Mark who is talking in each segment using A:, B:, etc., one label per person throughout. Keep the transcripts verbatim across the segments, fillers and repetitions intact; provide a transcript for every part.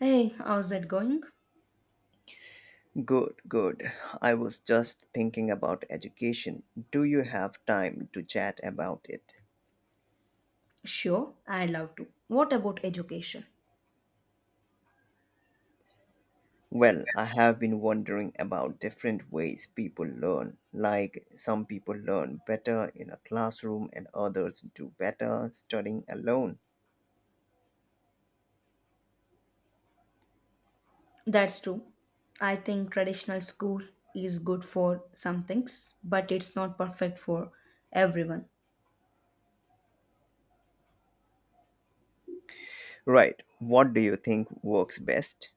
A: Hey, how's it going?
B: Good, good. I was just thinking about education. Do you have time to chat about it?
A: Sure, I'd love to. What about education?
B: Well, I have been wondering about different ways people learn. Like some people learn better in a classroom and others do better studying alone.
A: That's true. I think traditional school is good for some things, but it's not perfect for everyone.
B: Right, what do you think works best?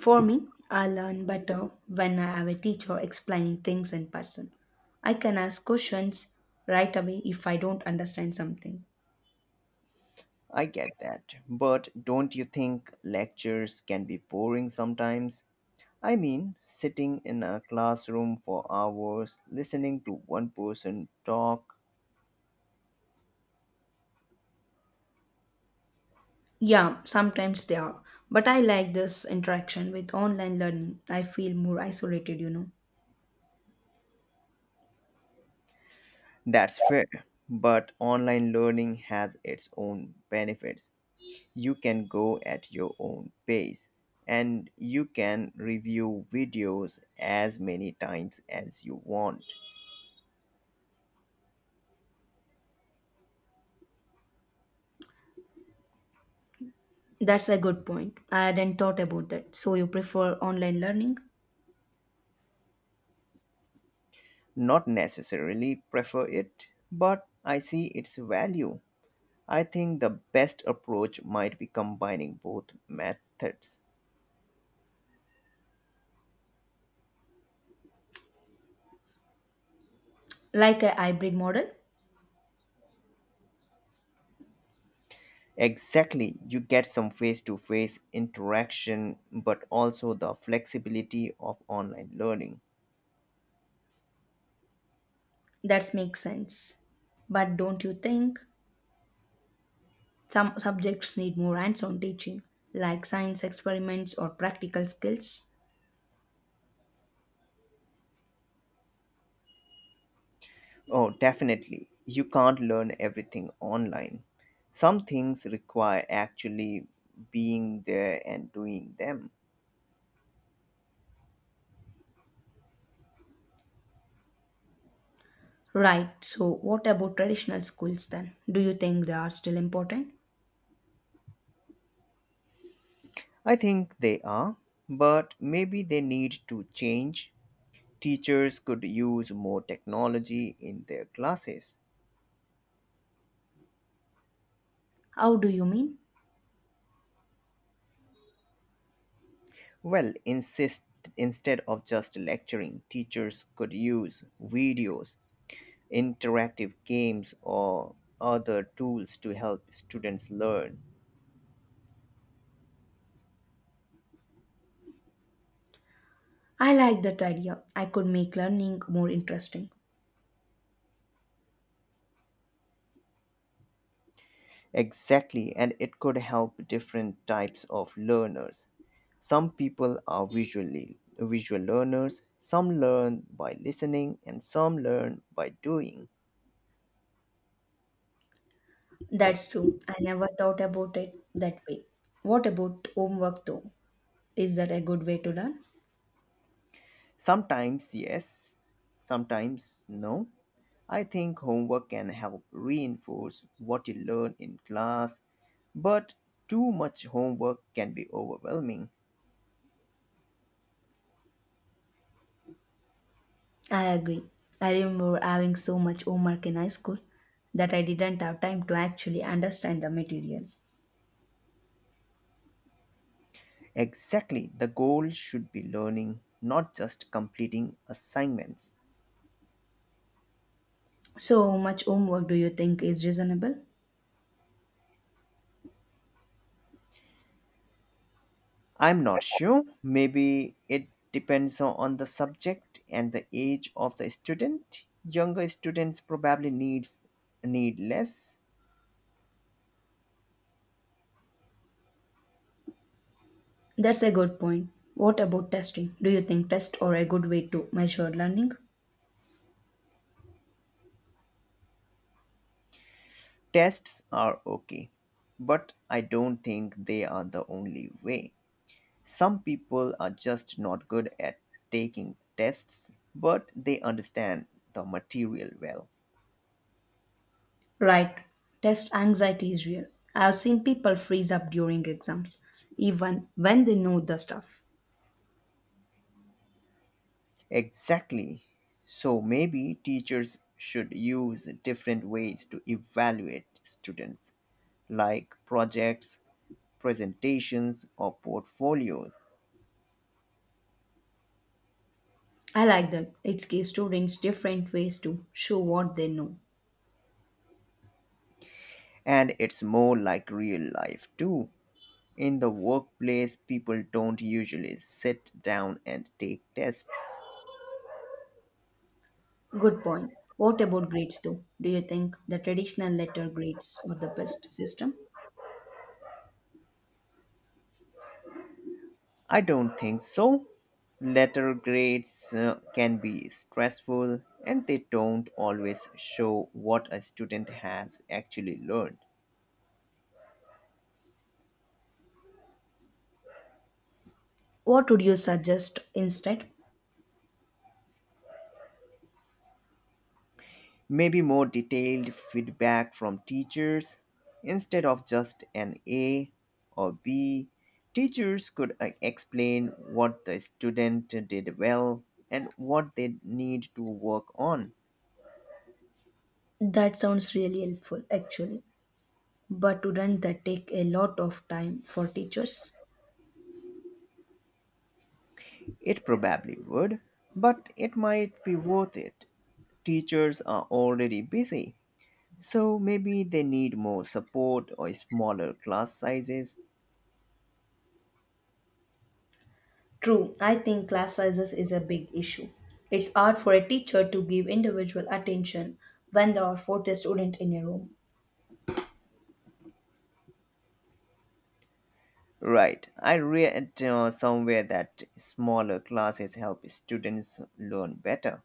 A: For me, I learn better when I have a teacher explaining things in person. I can ask questions right away if I don't understand something.
B: I get that. But don't you think lectures can be boring sometimes? I mean, sitting in a classroom for hours, listening to one person talk,
A: Yeah, sometimes they are, but I like this interaction with online learning. I feel more isolated, you know.
B: that's fair. But online learning has its own benefits. You can go at your own pace and you can review videos as many times as you want.
A: That's a good point. I hadn't thought about that. So you prefer online learning?
B: Not necessarily prefer it, but I see its value. I think the best approach might be combining both methods.
A: Like a hybrid model?
B: Exactly, you get some face to face interaction, but also the flexibility of online learning.
A: That makes sense. But don't you think some subjects need more hands on teaching, like science experiments or practical skills?
B: Oh, definitely, you can't learn everything online. Some things require actually being there and doing them.
A: Right, so what about traditional schools then? Do you think they are still important?
B: I think they are, but maybe they need to change. Teachers could use more technology in their classes.
A: How do you mean?
B: Well, insist instead of just lecturing, teachers could use videos, interactive games or other tools to help students learn.
A: I like that idea. I could make learning more interesting.
B: Exactly, and it could help different types of learners. Some people are visually visual learners, some learn by listening and some learn by doing.
A: That's true. I never thought about it that way. What about homework though? Is that a good way to learn?
B: Sometimes yes, sometimes no. I think homework can help reinforce what you learn in class, but too much homework can be overwhelming.
A: I agree. I remember having so much homework in high school that I didn't have time to actually understand the material.
B: Exactly, the goal should be learning, not just completing assignments.
A: So, how much homework do you think is reasonable?
B: I'm not sure. Maybe it depends on the subject and the age of the student. Younger students probably needs need less.
A: That's a good point. What about testing? Do you think tests are a good way to measure learning?
B: Tests are okay, but I don't think they are the only way. Some people are just not good at taking tests, but they understand the material well.
A: Right. Test anxiety is real. I have seen people freeze up during exams, even when they know the stuff.
B: Exactly. So maybe teachers should use different ways to evaluate students, like projects, presentations, or portfolios.
A: I like that. It gives students different ways to show what they know.
B: And it's more like real life too. In the workplace, people don't usually sit down and take tests.
A: Good point. What about grades though? Do you think the traditional letter grades are the best system?
B: I don't think so. Letter grades uh, can be stressful and they don't always show what a student has actually learned.
A: What would you suggest instead?
B: Maybe more detailed feedback from teachers instead of just an A or B. Teachers could uh, explain what the student did well and what they need to work on.
A: That sounds really helpful actually. But wouldn't that take a lot of time for teachers?
B: It probably would, but it might be worth it. Teachers are already busy, so maybe they need more support or smaller class sizes.
A: True, I think class sizes is a big issue. It's hard for a teacher to give individual attention when there are four students in a room.
B: Right, I read uh, somewhere that smaller classes help students learn better.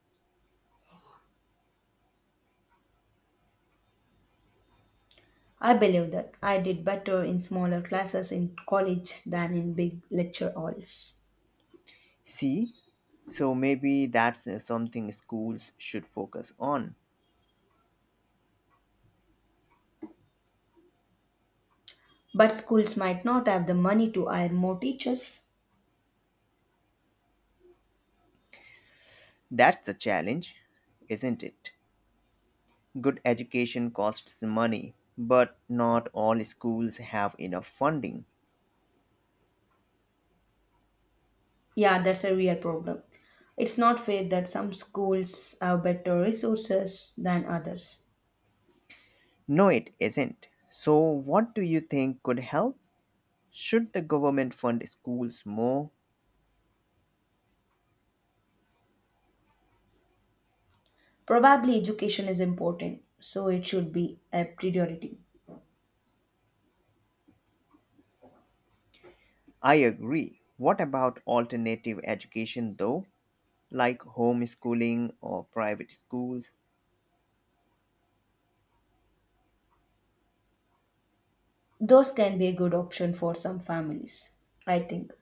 A: I believe that I did better in smaller classes in college than in big lecture halls.
B: See, so maybe that's uh, something schools should focus on.
A: But schools might not have the money to hire more teachers.
B: That's the challenge, isn't it? Good education costs money, but not all schools have enough funding.
A: Yeah, that's a real problem. It's not fair that some schools have better resources than others.
B: No, it isn't. So, what do you think could help? Should the government fund schools more?
A: Probably education is important, so it should be a priority.
B: I agree. What about alternative education though, like homeschooling or private schools?
A: Those can be a good option for some families, I think.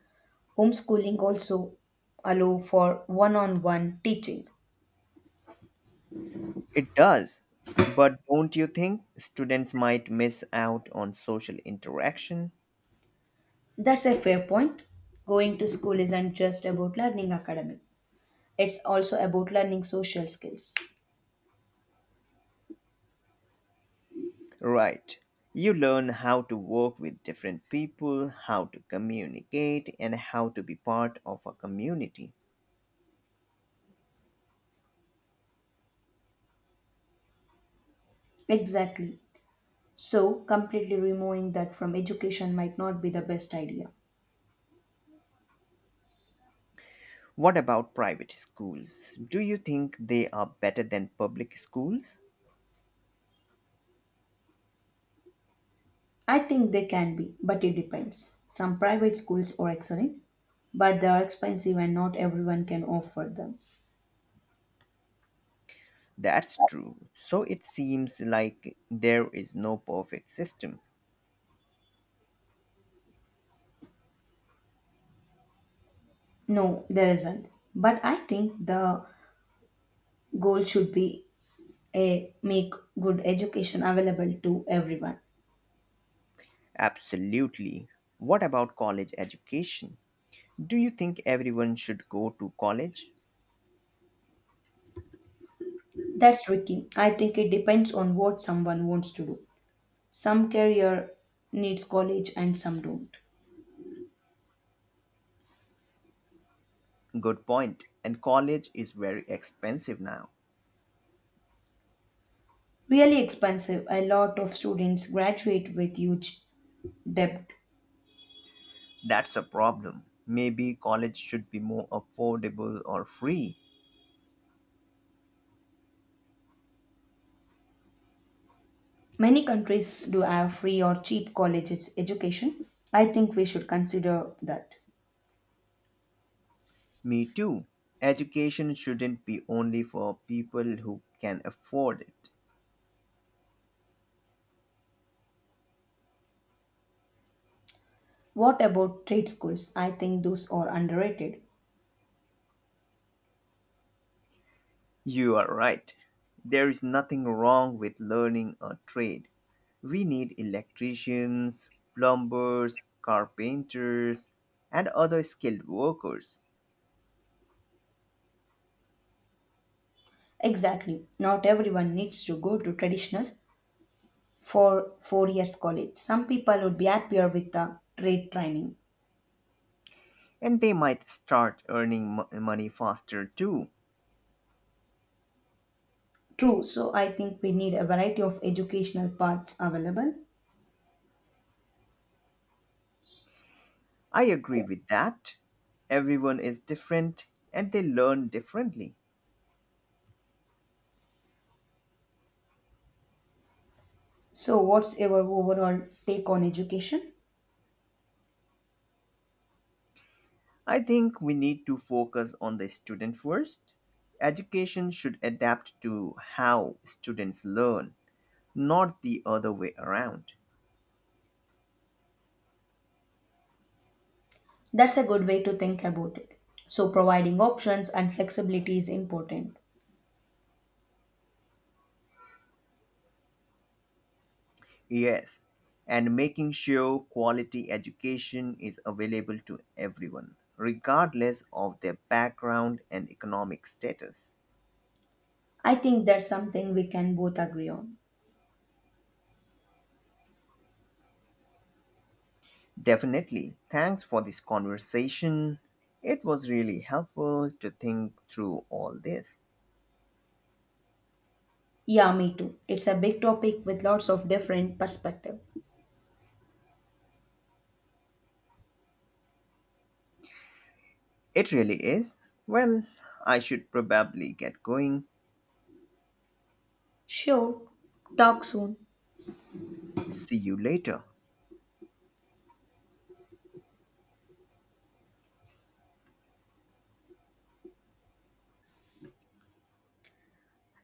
A: Homeschooling also allow for one-on-one teaching.
B: It does. But don't you think students might miss out on social interaction?
A: That's a fair point. Going to school isn't just about learning academic. It's also about learning social skills.
B: Right. You learn how to work with different people, how to communicate, and how to be part of a community.
A: Exactly. So, completely removing that from education might not be the best idea.
B: What about private schools? Do you think they are better than public schools?
A: I think they can be, but it depends. Some private schools are excellent, but they are expensive and not everyone can afford them.
B: That's true. So it seems like there is no perfect system.
A: No, there isn't. But I think the goal should be a make good education available to everyone.
B: Absolutely. What about college education? Do you think everyone should go to college?
A: That's tricky. I think it depends on what someone wants to do. Some career needs college and some don't.
B: Good point. And college is very expensive now.
A: Really expensive. A lot of students graduate with huge debt.
B: That's a problem. Maybe college should be more affordable or free.
A: Many countries do have free or cheap college ed- education. I think we should consider that.
B: Me too. Education shouldn't be only for people who can afford it.
A: What about trade schools? I think those are underrated.
B: You are right. There is nothing wrong with learning a trade. We need electricians, plumbers, carpenters, and other skilled workers.
A: Exactly. Not everyone needs to go to traditional for four years college. Some people would be happier with the trade training.
B: And they might start earning mo- money faster too.
A: True. So I think we need a variety of educational paths available.
B: I agree with that. Everyone is different and they learn differently.
A: So what's your overall take on education?
B: I think we need to focus on the student first. Education should adapt to how students learn, not the other way around.
A: That's a good way to think about it. So, providing options and flexibility is important.
B: Yes, and making sure quality education is available to everyone, regardless of their background and economic status.
A: I think that's something we can both agree on.
B: Definitely. Thanks for this conversation. It was really helpful to think through all this.
A: Yeah, me too. It's a big topic with lots of different perspective.
B: It really is. Well, I should probably get going.
A: Sure. Talk soon.
B: See you later.